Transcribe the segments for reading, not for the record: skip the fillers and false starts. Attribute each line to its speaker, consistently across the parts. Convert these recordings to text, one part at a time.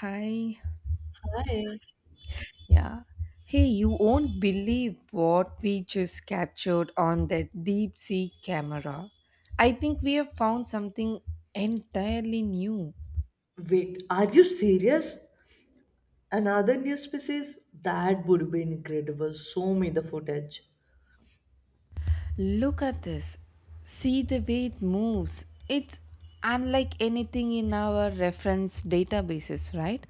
Speaker 1: Hi.
Speaker 2: Hi.
Speaker 1: Yeah. Hey, you won't believe what we just captured on that deep sea camera. I think we have found something entirely new.
Speaker 2: Wait, are you serious? Another new species? That would be incredible. Show me the footage.
Speaker 1: Look at this. See the way it moves. It's unlike anything in our reference databases, right?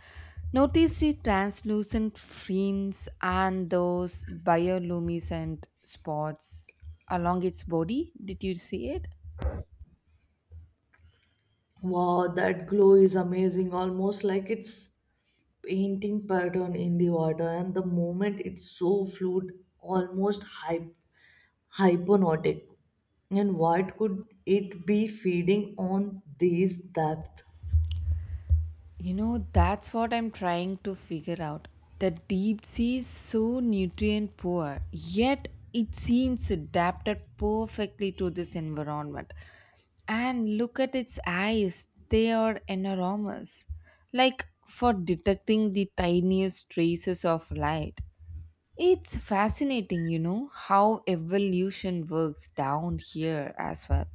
Speaker 1: Notice the translucent fins and those bioluminescent spots along its body. Did you see it?
Speaker 2: Wow, that glow is amazing, almost like it's painting pattern in the water, and the moment it's so fluid, almost hypnotic. And what could it be feeding on this depth?
Speaker 1: That's what I'm trying to figure out. The deep sea is so nutrient poor, yet it seems adapted perfectly to this environment. And look at its eyes, they are enormous, like for detecting the tiniest traces of light. It's fascinating, how evolution works down here as well.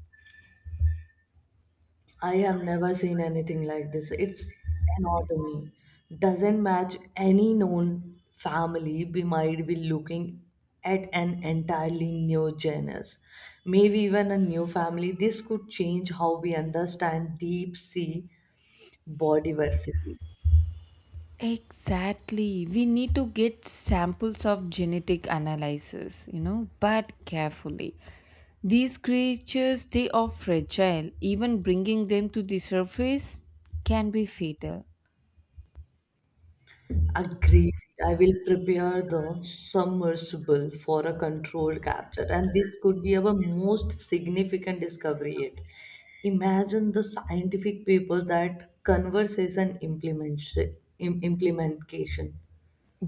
Speaker 2: I have never seen anything like this. It's anatomy doesn't match any known family. We might be looking at an entirely new genus, maybe even a new family. This could change how we understand deep sea biodiversity.
Speaker 1: Exactly. We need to get samples of genetic analysis, but carefully. These creatures, they are fragile. Even bringing them to the surface can be fatal.
Speaker 2: Agreed. I will prepare the submersible for a controlled capture, and this could be our most significant discovery yet. Imagine the scientific papers that conversation implementation.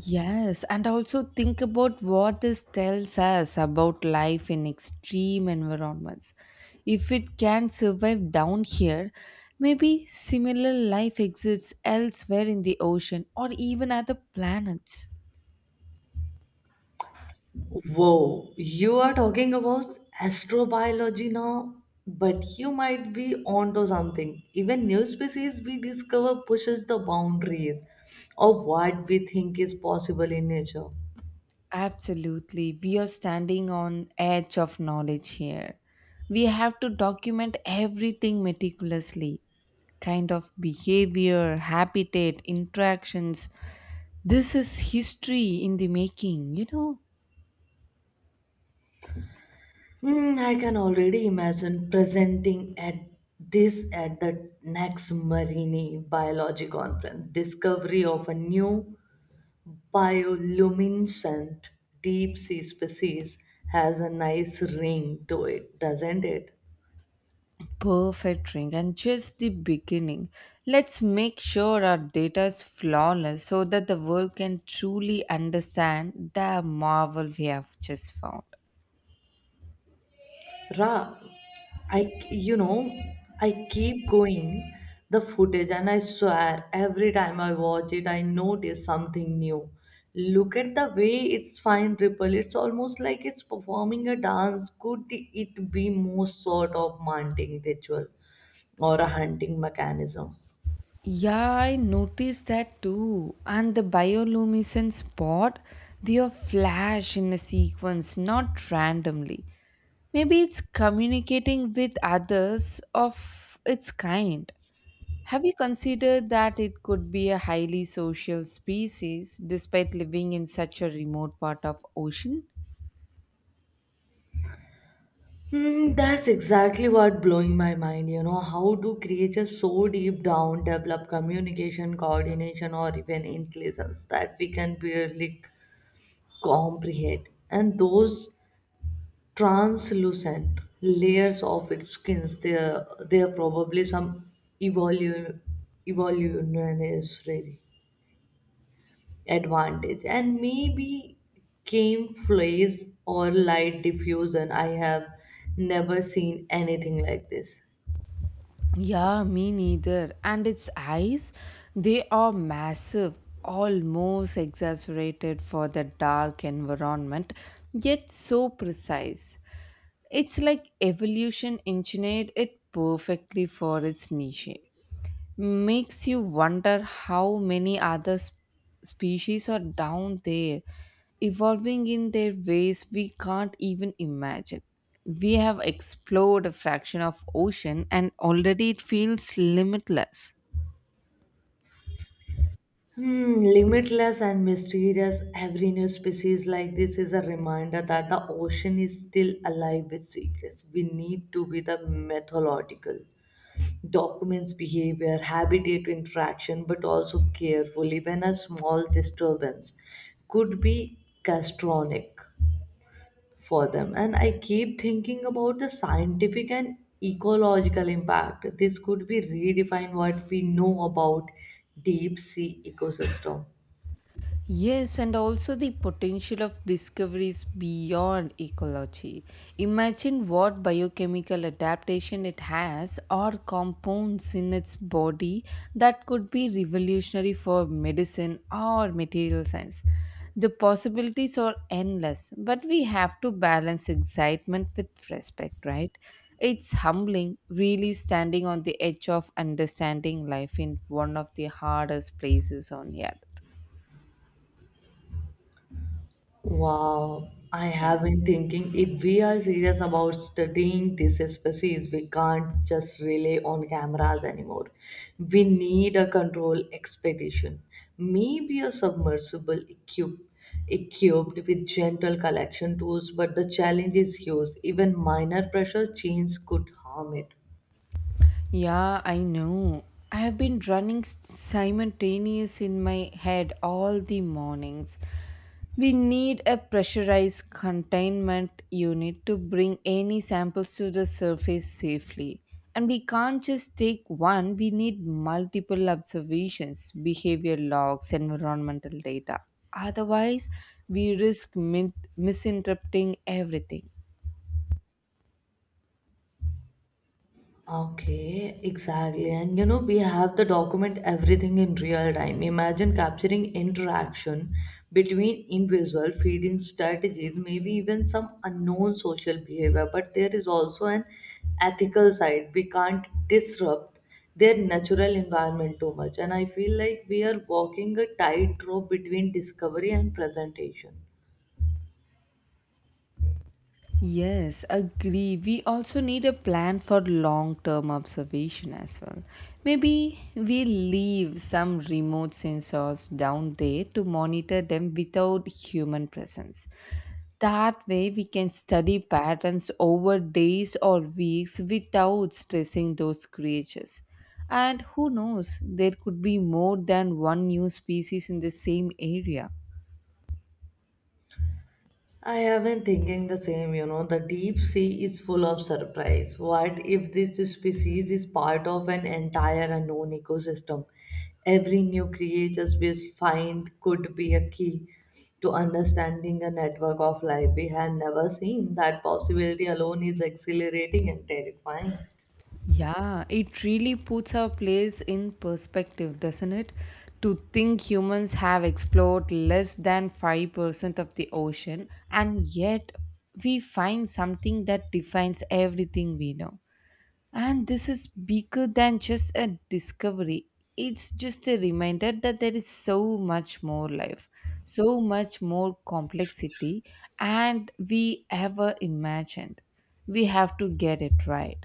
Speaker 1: Yes, and also think about what this tells us about life in extreme environments. If it can survive down here, maybe similar life exists elsewhere in the ocean or even other planets.
Speaker 2: Whoa, you are talking about astrobiology now, but you might be onto something. Even new species we discover pushes the boundaries of what we think is possible in nature.
Speaker 1: Absolutely. We are standing on edge of knowledge here. We have to document everything meticulously. Kind of behavior, habitat, interactions. This is history in the making.
Speaker 2: Hmm, I can already imagine presenting at this at the next Marine Biology Conference. Discovery of a new bioluminescent deep sea species has a nice ring to it, doesn't it?
Speaker 1: Perfect ring and just the beginning. Let's make sure our data is flawless so that the world can truly understand the marvel we have just found.
Speaker 2: Ra, I I keep going the footage, and I swear every time I watch it I notice something new. Look at the way it's fine ripple. It's almost like it's performing a dance. Could it be more sort of mounting ritual or a hunting mechanism?
Speaker 1: Yeah, I noticed that too. And the bioluminescent spot, they are flash in a sequence, not randomly. Maybe it's communicating with others of its kind. Have you considered that it could be a highly social species despite living in such a remote part of ocean?
Speaker 2: Hmm, that's exactly what blowing my mind. How do creatures so deep down develop communication, coordination, or even intelligence that we can barely comprehend? And those translucent layers of its skins, they're probably some evolu- evolutionary advantage. And maybe camouflage or light diffusion, I have never seen anything like this.
Speaker 1: Yeah, me neither. And its eyes, they are massive, almost exaggerated for the dark environment, yet so precise. It's like evolution engineered it perfectly for its niche makes you wonder how many other species are down there evolving in their ways we can't even imagine. We have explored a fraction of ocean and already it feels limitless.
Speaker 2: Hmm, limitless and mysterious, every new species like this is a reminder that the ocean is still alive with secrets. We need to be the methodical. Documents behavior, habitat interaction, but also careful. Even a small disturbance could be castronic for them. And I keep thinking about the scientific and ecological impact. This could be redefine what we know about deep sea ecosystem.
Speaker 1: Yes, and also the potential of discoveries beyond ecology. Imagine what biochemical adaptation it has or compounds in its body that could be revolutionary for medicine or material science. The possibilities are endless, but we have to balance excitement with respect, right? It's humbling, really standing on the edge of understanding life in one of the hardest places on earth.
Speaker 2: Wow, I
Speaker 1: Yeah.
Speaker 2: have been thinking if we are serious about studying this species, we can't just rely on cameras anymore. We need a control expedition, maybe a submersible equipped with gentle collection tools, but the challenge is huge. Even minor pressure change could harm it.
Speaker 1: Yeah, I know. I have been running simultaneous in my head all the mornings. We need a pressurized containment unit to bring any samples to the surface safely. And we can't just take one, we need multiple observations, behavior logs, environmental data. Otherwise, we risk misinterpreting everything.
Speaker 2: Okay, exactly. And you know, we have the document everything in real time. Imagine capturing interaction between individual feeding strategies, maybe even some unknown social behavior. But there is also an ethical side. We can't disrupt their natural environment too much. And I feel like we are walking a tightrope between discovery and presentation.
Speaker 1: Yes, agree. We also need a plan for long term observation as well. Maybe we leave some remote sensors down there to monitor them without human presence. That way, we can study patterns over days or weeks without stressing those creatures. And who knows, there could be more than one new species in the same area.
Speaker 2: I have been thinking the same, you know, the deep sea is full of surprise. What if this species is part of an entire unknown ecosystem? Every new creature we find could be a key to understanding a network of life we had never seen. That possibility alone is exhilarating and terrifying.
Speaker 1: Yeah, it really puts our place in perspective, doesn't it? To think humans have explored less than 5% of the ocean, and yet we find something that defines everything we know. And this is bigger than just a discovery, it's just a reminder that there is so much more life, so much more complexity, and we ever imagined. We have to get it right.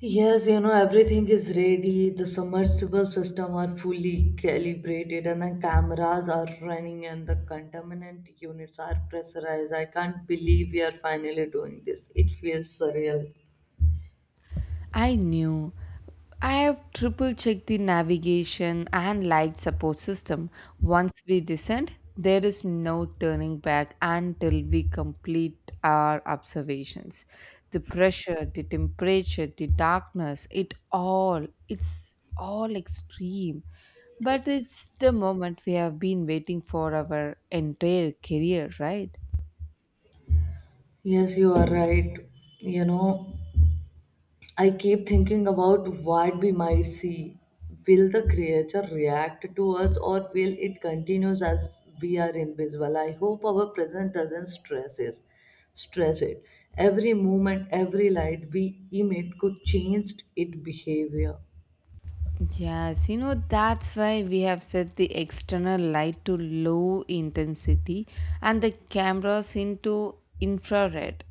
Speaker 2: Yes, you know, everything is ready. The submersible system are fully calibrated and the cameras are running and the contaminant units are pressurized. I can't believe we are finally doing this. It feels surreal.
Speaker 1: I knew. I have triple checked the navigation and light support system. Once we descend, there is no turning back until we complete our observations. The pressure, the temperature, the darkness, it's all extreme. But it's the moment we have been waiting for our entire career, right?
Speaker 2: Yes, you are right. You know, I keep thinking about what we might see. Will the creature react to us or will it continue as we are invisible? I hope our presence doesn't stress us. Stress it. Every movement, every light we emit could change its behavior.
Speaker 1: Yes, that's why we have set the external light to low intensity and the cameras into infrared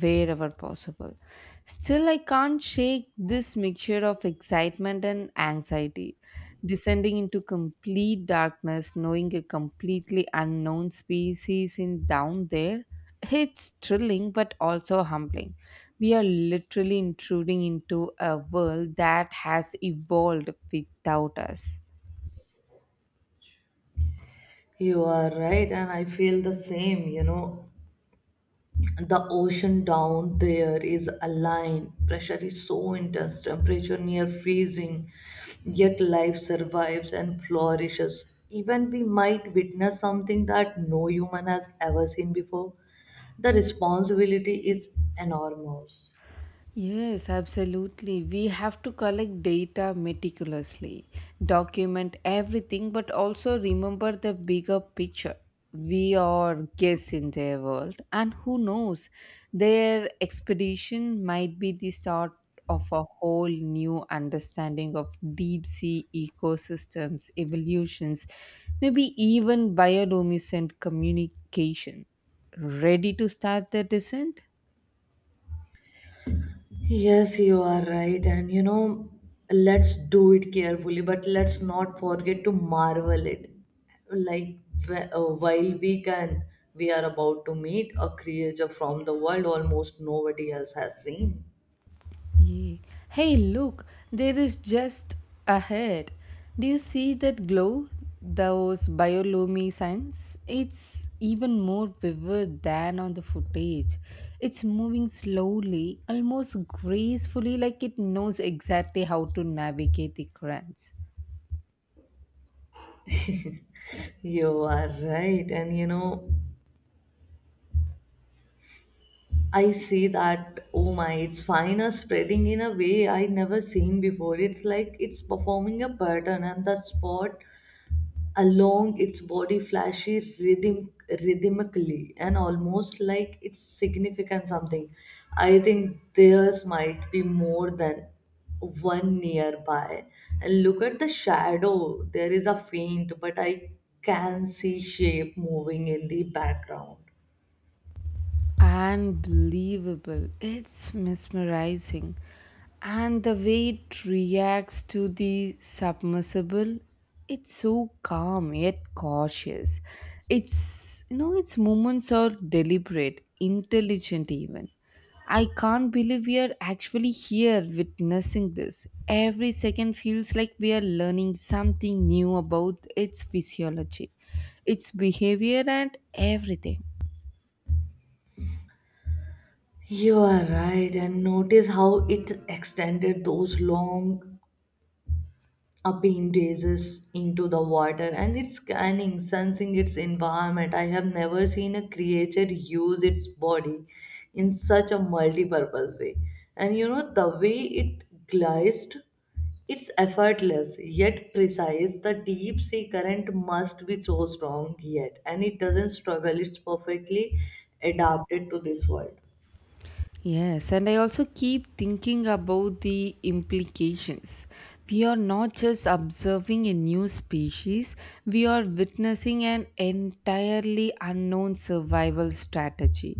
Speaker 1: wherever possible. Still, I can't shake this mixture of excitement and anxiety. Descending into complete darkness, knowing a completely unknown species in down there, it's thrilling but also humbling. We are literally intruding into a world that has evolved without us.
Speaker 2: You are right, and I feel the same. You know, the ocean down there is aligned pressure is so intense temperature near freezing yet life survives and flourishes even we might witness something that no human has ever seen before the responsibility is enormous.
Speaker 1: Yes, absolutely. We have to collect data meticulously, document everything, but also remember the bigger picture. We are guests in their world, and who knows, their expedition might be the start of a whole new understanding of deep sea ecosystems, evolutions, maybe even bioluminescent communication. Ready to start the descent?
Speaker 2: Yes, you are right. And you know, let's do it carefully, but let's not forget to marvel it. Like while we can, we are about to meet a creature from the world almost nobody else has seen.
Speaker 1: Yeah. Hey, look, there is just ahead. Do you see that glow? Those bioluminescence? It's even more vivid than on the footage. It's moving slowly, almost gracefully, like it knows exactly how to navigate the currents.
Speaker 2: You are right. And you know, I see that, oh my, its fine spreading in a way I never seen before. It's like it's performing a pattern, and the spot along its body flashes rhythmically, and almost like it's significant something. I think theirs might be more than one nearby, and look at the shadow, there is a faint but I can see shape moving in the background.
Speaker 1: Unbelievable. It's mesmerizing. And the way it reacts to the submersible, it's so calm yet cautious. Its movements are deliberate, intelligent even. I can't believe we are actually here witnessing this. Every second feels like we are learning something new about its physiology, its behavior, and everything.
Speaker 2: You are right, and notice how it extended those long a beam gazes into the water and it's scanning, sensing its environment. I have never seen a creature use its body in such a multi-purpose way. And you know, the way it glisted, it's effortless yet precise. The deep sea current must be so strong yet, and it doesn't struggle, it's perfectly adapted to this world.
Speaker 1: Yes, and I also keep thinking about the implications. We are not just observing a new species, we are witnessing an entirely unknown survival strategy.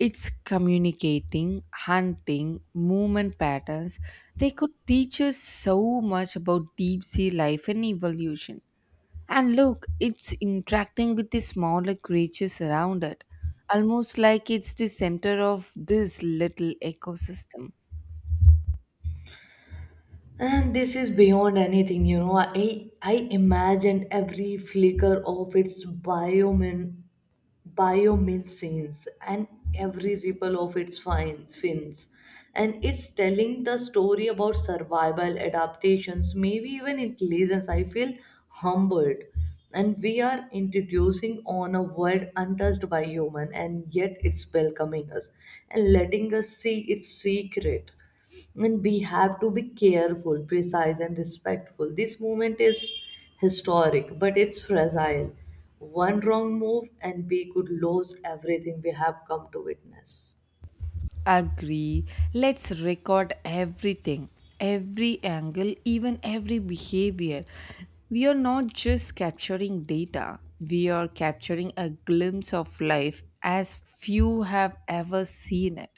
Speaker 1: It's communicating, hunting, movement patterns. They could teach us so much about deep sea life and evolution. And look, it's interacting with the smaller creatures around it, almost like it's the center of this little ecosystem.
Speaker 2: And this is beyond anything, you know. I imagine every flicker of its biomin biomimicins and every ripple of its fine fins. And it's telling the story about survival, adaptations, maybe even intelligence. I feel humbled. And we are introducing on a world untouched by human and yet it's welcoming us and letting us see its secret, and we have to be careful, precise, and respectful. This moment is historic, but it's fragile. One wrong move, and we could lose everything we have come to witness.
Speaker 1: Agree. Let's record everything, every angle, even every behavior. We are not just capturing data, we are capturing a glimpse of life as few have ever seen it.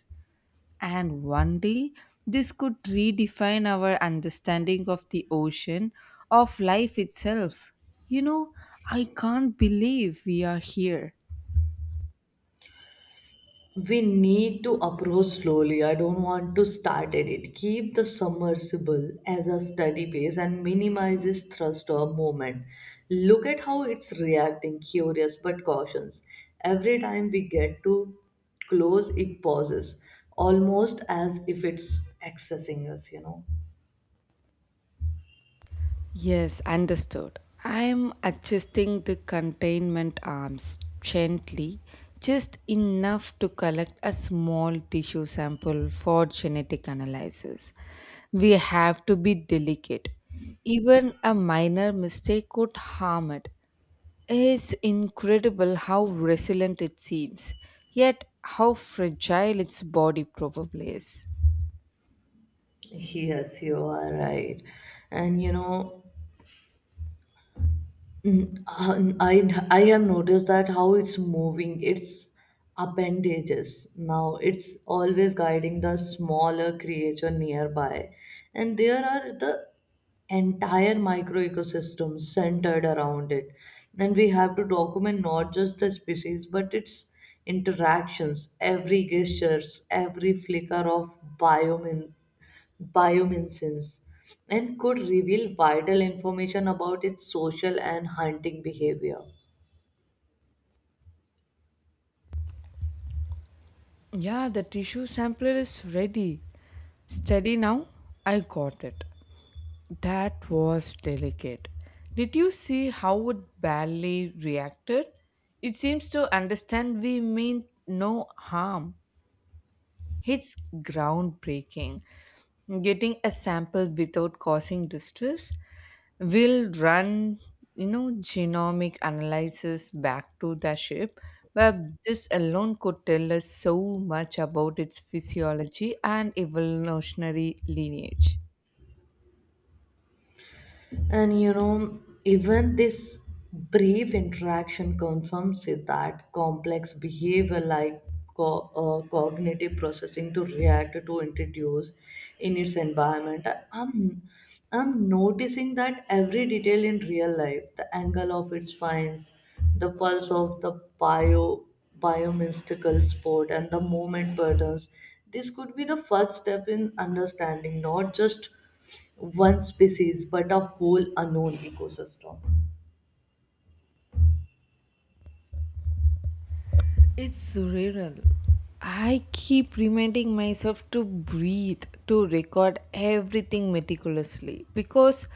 Speaker 1: And one day, this could redefine our understanding of the ocean, of life itself. You know, I can't believe we are here.
Speaker 2: We need to approach slowly. I don't want to start at it. Keep the submersible as a steady pace and minimizes thrust or movement. Look at how it's reacting, curious but cautious. Every time we get to close, it pauses, almost as if it's accessing us, you know.
Speaker 1: Yes, understood. I'm adjusting the containment arms gently, just enough to collect a small tissue sample for genetic analysis. We have to be delicate. Even a minor mistake could harm it. It's incredible how resilient it seems, yet how fragile its body probably is.
Speaker 2: Yes, you are right. And you know, Mm, uh, I, I have noticed that how it's moving its appendages now, it's always guiding the smaller creature nearby, and there are the entire micro ecosystem centered around it, and we have to document not just the species but its interactions, every gestures, every flicker of biome bioluminescence, and could reveal vital information about its social and hunting behavior.
Speaker 1: Yeah, the tissue sampler is ready. Steady now? I got it. That was delicate. Did you see how it barely reacted? It seems to understand we mean no harm. It's groundbreaking. Getting a sample without causing distress will run, genomic analysis back to the ship. But this alone could tell us so much about its physiology and evolutionary lineage.
Speaker 2: And you know, even this brief interaction confirms it that complex behavior like co- cognitive processing to react to introduce in its environment. I'm, I'm noticing that every detail in real life, the angle of its fines, the pulse of the bio biomystical sport and the movement patterns, this could be the first step in understanding not just one species but a whole unknown ecosystem.
Speaker 1: It's surreal. I keep reminding myself to breathe, to record everything meticulously because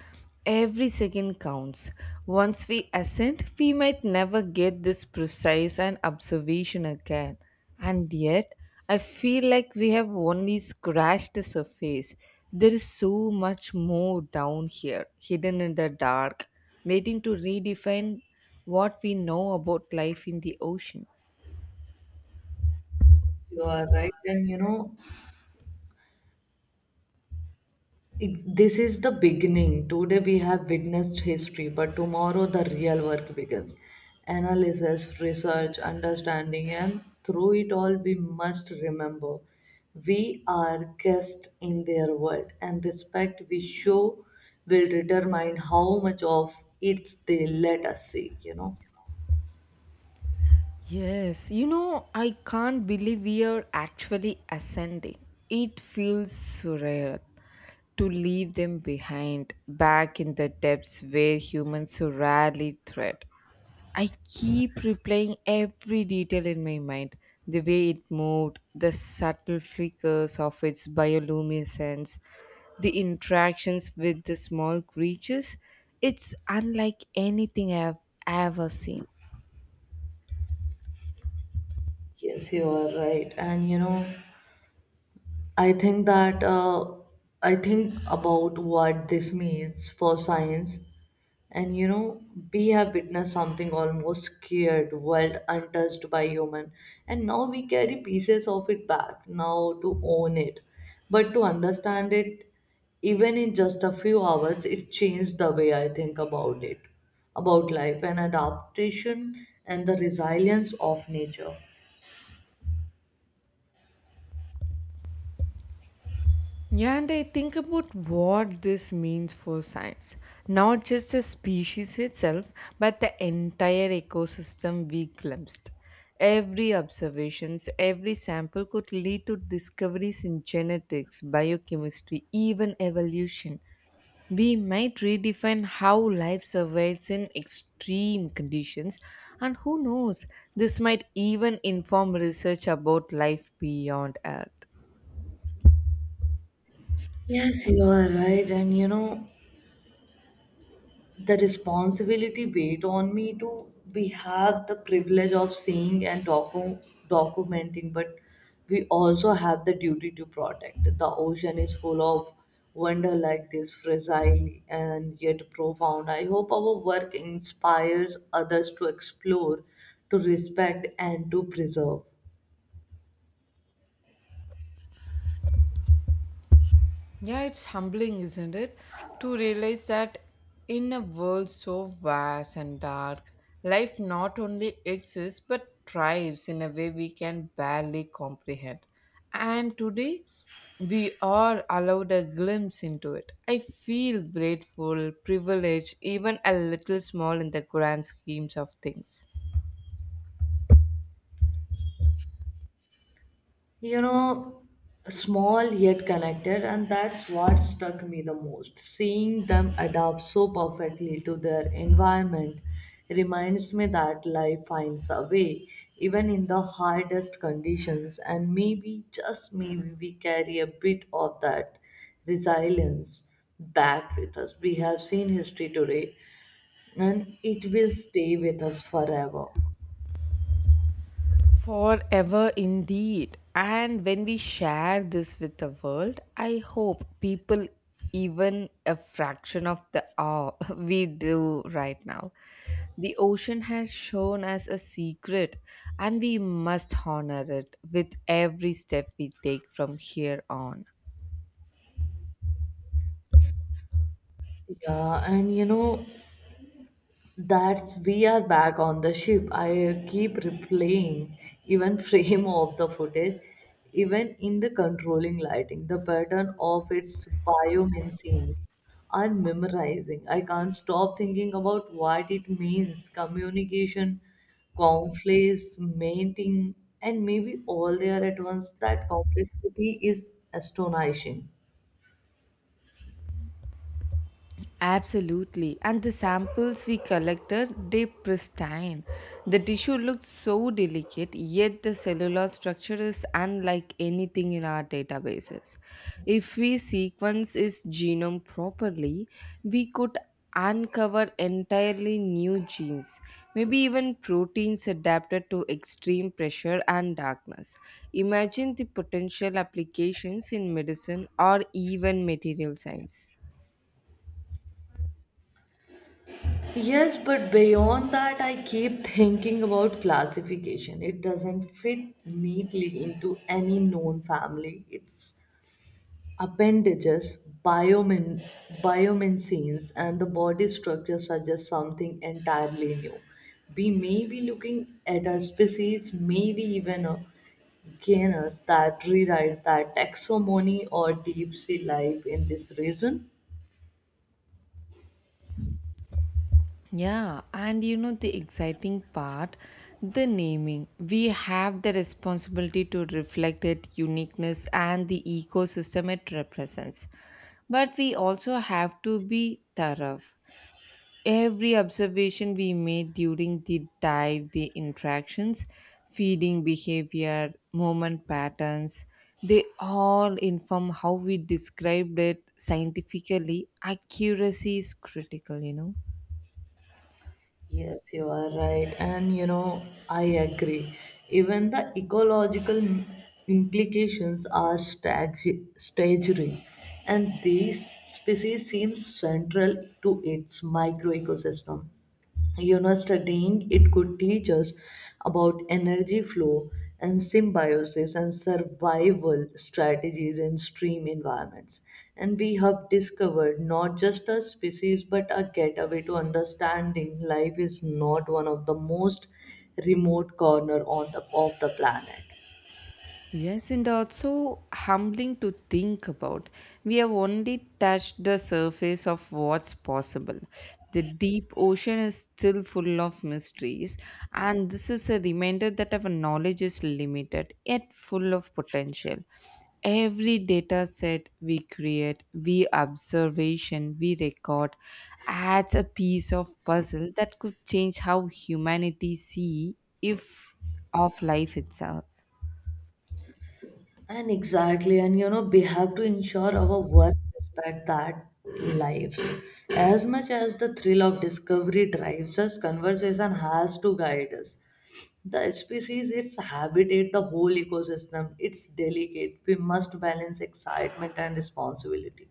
Speaker 1: every second counts. Once we ascend, we might never get this precise an observation again. And yet, I feel like we have only scratched the surface. There is so much more down here, hidden in the dark, waiting to redefine what we know about life in the ocean.
Speaker 2: You are right, and you know it, this is the beginning. Today we have witnessed history, but tomorrow the real work begins: analysis, research, understanding, and through it all we must remember we are guests in their world, and respect we show will determine how much of it they let us see, you know.
Speaker 1: Yes, I can't believe we are actually ascending. It feels surreal to leave them behind, back in the depths where humans so rarely tread. I keep replaying every detail in my mind the way it moved, the subtle flickers of its bioluminescence, the interactions with the small creatures. It's unlike anything I've ever seen.
Speaker 2: Yes, you are right. And you know, I think that uh, I think about what this means for science, and you know, we have witnessed something almost scared, world untouched by human, and now we carry pieces of it back now to own it, but to understand it, even in just a few hours, it changed the way I think about it, about life and adaptation and the resilience of nature.
Speaker 1: Yeah, and I think about what this means for science. Not just the species itself, but the entire ecosystem we glimpsed. Every observations, every sample could lead to discoveries in genetics, biochemistry, even evolution. We might redefine how life survives in extreme conditions, and who knows, this might even inform research about life beyond Earth.
Speaker 2: Yes, you are right. And you know, the responsibility weighed on me to we have the privilege of seeing and documenting, but we also have the duty to protect. The ocean is full of wonder like this, fragile and yet profound. I hope our work inspires others to explore, to respect, and to preserve.
Speaker 1: Yeah, it's humbling, isn't it? To realize that in a world so vast and dark, life not only exists but thrives in a way we can barely comprehend. And today, we are allowed a glimpse into it. I feel grateful, privileged, even a little small in the grand schemes of things.
Speaker 2: You know, small yet connected, and that's what struck me the most, seeing them adapt so perfectly to their environment reminds me that life finds a way even in the hardest conditions, and maybe, just maybe, we carry a bit of that resilience back with us. We have seen history today, and it will stay with us forever.
Speaker 1: Forever indeed. And when we share this with the world, I hope people even a fraction of the awe we do right now. The ocean has shown us a secret, and we must honor it with every step we take from here on.
Speaker 2: Yeah, and you know, that's we are back on the ship. I keep replaying even frame of the footage, even in the controlling lighting, the pattern of its biomimicry am memorizing. I can't stop thinking about what it means: communication, conflicts, mating, and maybe all there at once. That complexity is astonishing.
Speaker 1: Absolutely. And the samples we collected, they pristine. The tissue looked so delicate, yet the cellular structure is unlike anything in our databases. If we sequence its genome properly, we could uncover entirely new genes, maybe even proteins adapted to extreme pressure and darkness. Imagine the potential applications in medicine or even material science.
Speaker 2: Yes, but beyond that, I keep thinking about classification. It doesn't fit neatly into any known family. Its appendages, biomin, biomincines, and the body structure suggest something entirely new. We may be looking at a species, maybe even a genus that rewrite that taxonomy or deep sea life in this region.
Speaker 1: Yeah, and you know the exciting part, the naming. We have the responsibility to reflect its uniqueness and the ecosystem it represents. But we also have to be thorough. Every observation we made during the dive, the interactions, feeding behavior, movement patterns, they all inform how we described it scientifically. Accuracy is critical.
Speaker 2: Yes, you are right. And you know, I agree. Even the ecological implications are staggering, and these species seem central to its microecosystem. You know, studying it could teach us about energy flow and symbiosis and survival strategies in stream environments, and we have discovered not just a species but a gateway to understanding life is not one of the most remote corner on of the planet.
Speaker 1: Yes, and also humbling to think about. We have only touched the surface of what's possible. The deep ocean is still full of mysteries, and this is a reminder that our knowledge is limited yet full of potential. Every data set we create, we observation, we record adds a piece of puzzle that could change how humanity see if of life itself.
Speaker 2: And exactly, and you know, we have to ensure our work respect that lives. As much as the thrill of discovery drives us, conversation has to guide us. The species, its habitat, the whole ecosystem, it's delicate. We must balance excitement and responsibility,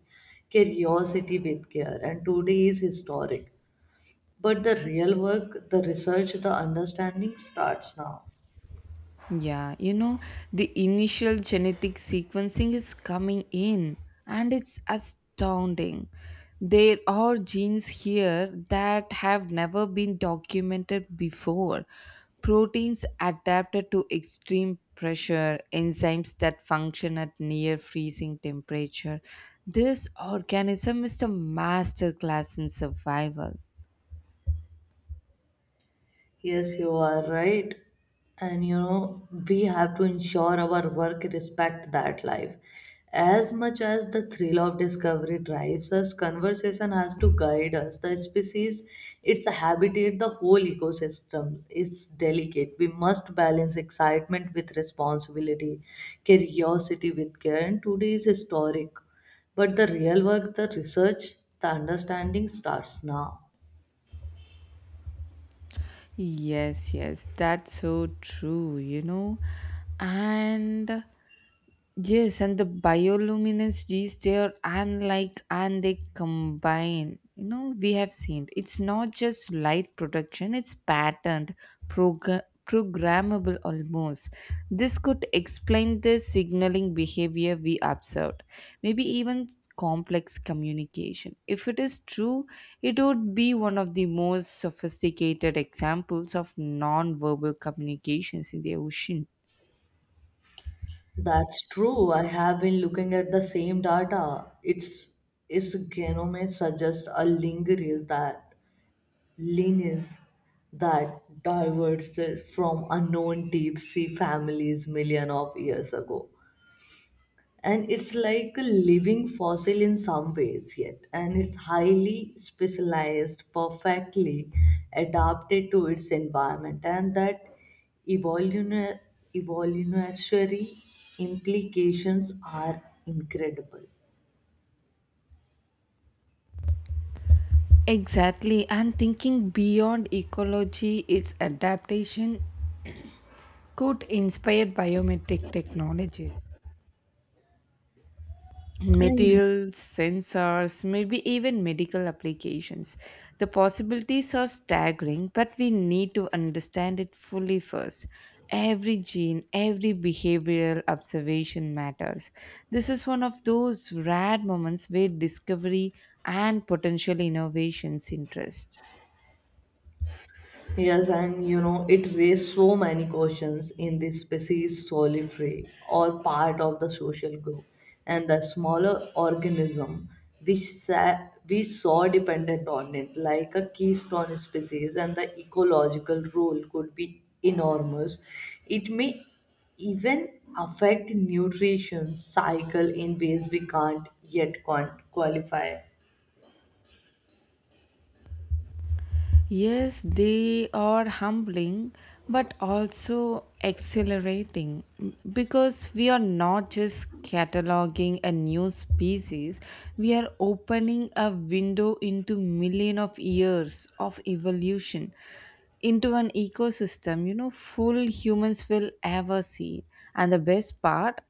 Speaker 2: curiosity with care, and today is historic. But the real work, the research, the understanding starts now.
Speaker 1: Yeah, the initial genetic sequencing is coming in and it's astounding. There are genes here that have never been documented before. Proteins adapted to extreme pressure, enzymes that function at near freezing temperature. This organism is a masterclass in survival.
Speaker 2: Yes, you are right. And you know, we have to ensure our work respect that life. As much as the thrill of discovery drives us, conversation has to guide us. The species, its habitat, the whole ecosystem is delicate. We must balance excitement with responsibility, curiosity with care, and today is historic. But the real work, the research, the understanding starts now.
Speaker 1: Yes, yes, that's so true. And yes, and the bioluminescence genes they are unlike and they combine. We have seen it's not just light production, it's patterned, programmable almost. This could explain the signaling behavior we observed, maybe even complex communication. If it is true, it would be one of the most sophisticated examples of non verbal communications in the ocean.
Speaker 2: That's true. I have been looking at the same data. Its genome suggests a lineage that diverged from unknown deep sea families million of years ago, and it's like a living fossil in some ways yet, and it's highly specialized, perfectly adapted to its environment, and that evolutionary evolutionary implications are incredible.
Speaker 1: Exactly, and thinking beyond ecology, its adaptation could inspire biometric technologies,
Speaker 2: And
Speaker 1: materials, sensors, maybe even medical applications. The possibilities are staggering, but we need to understand it fully first. Every gene, every behavioral observation matters. This is one of those rare moments where discovery and potential innovations interest.
Speaker 2: yes, and you know, it raised so many questions in the species solitary or part of the social group, and the smaller organism we saw, we saw dependent on it, like a keystone species, and the ecological role could be enormous. It may even affect nutrition cycle in ways we can't yet qualify.
Speaker 1: Yes, they are humbling but also exhilarating because we are not just cataloging a new species, we are opening a window into million of years of evolution into an ecosystem full humans will ever see and the best part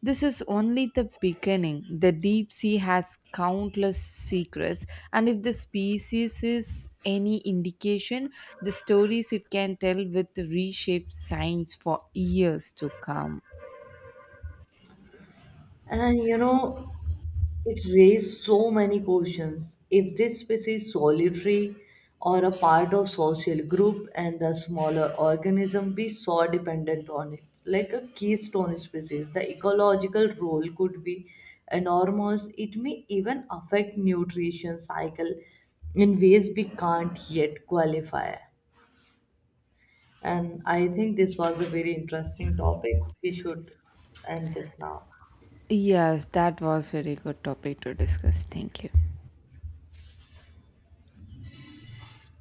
Speaker 1: this is only the beginning. The deep sea has countless secrets, and if the species is any indication, the stories it can tell will reshape science for years to come.
Speaker 2: And you know, it raised so many questions. If this species is solitary or a part of social group and the smaller organism be so dependent on it, like a keystone species, the ecological role could be enormous. It may even affect nutrition cycle in ways we can't yet qualify. And I think this was a very interesting topic. We should end this now.
Speaker 1: Yes, that was very good topic to discuss. Thank you.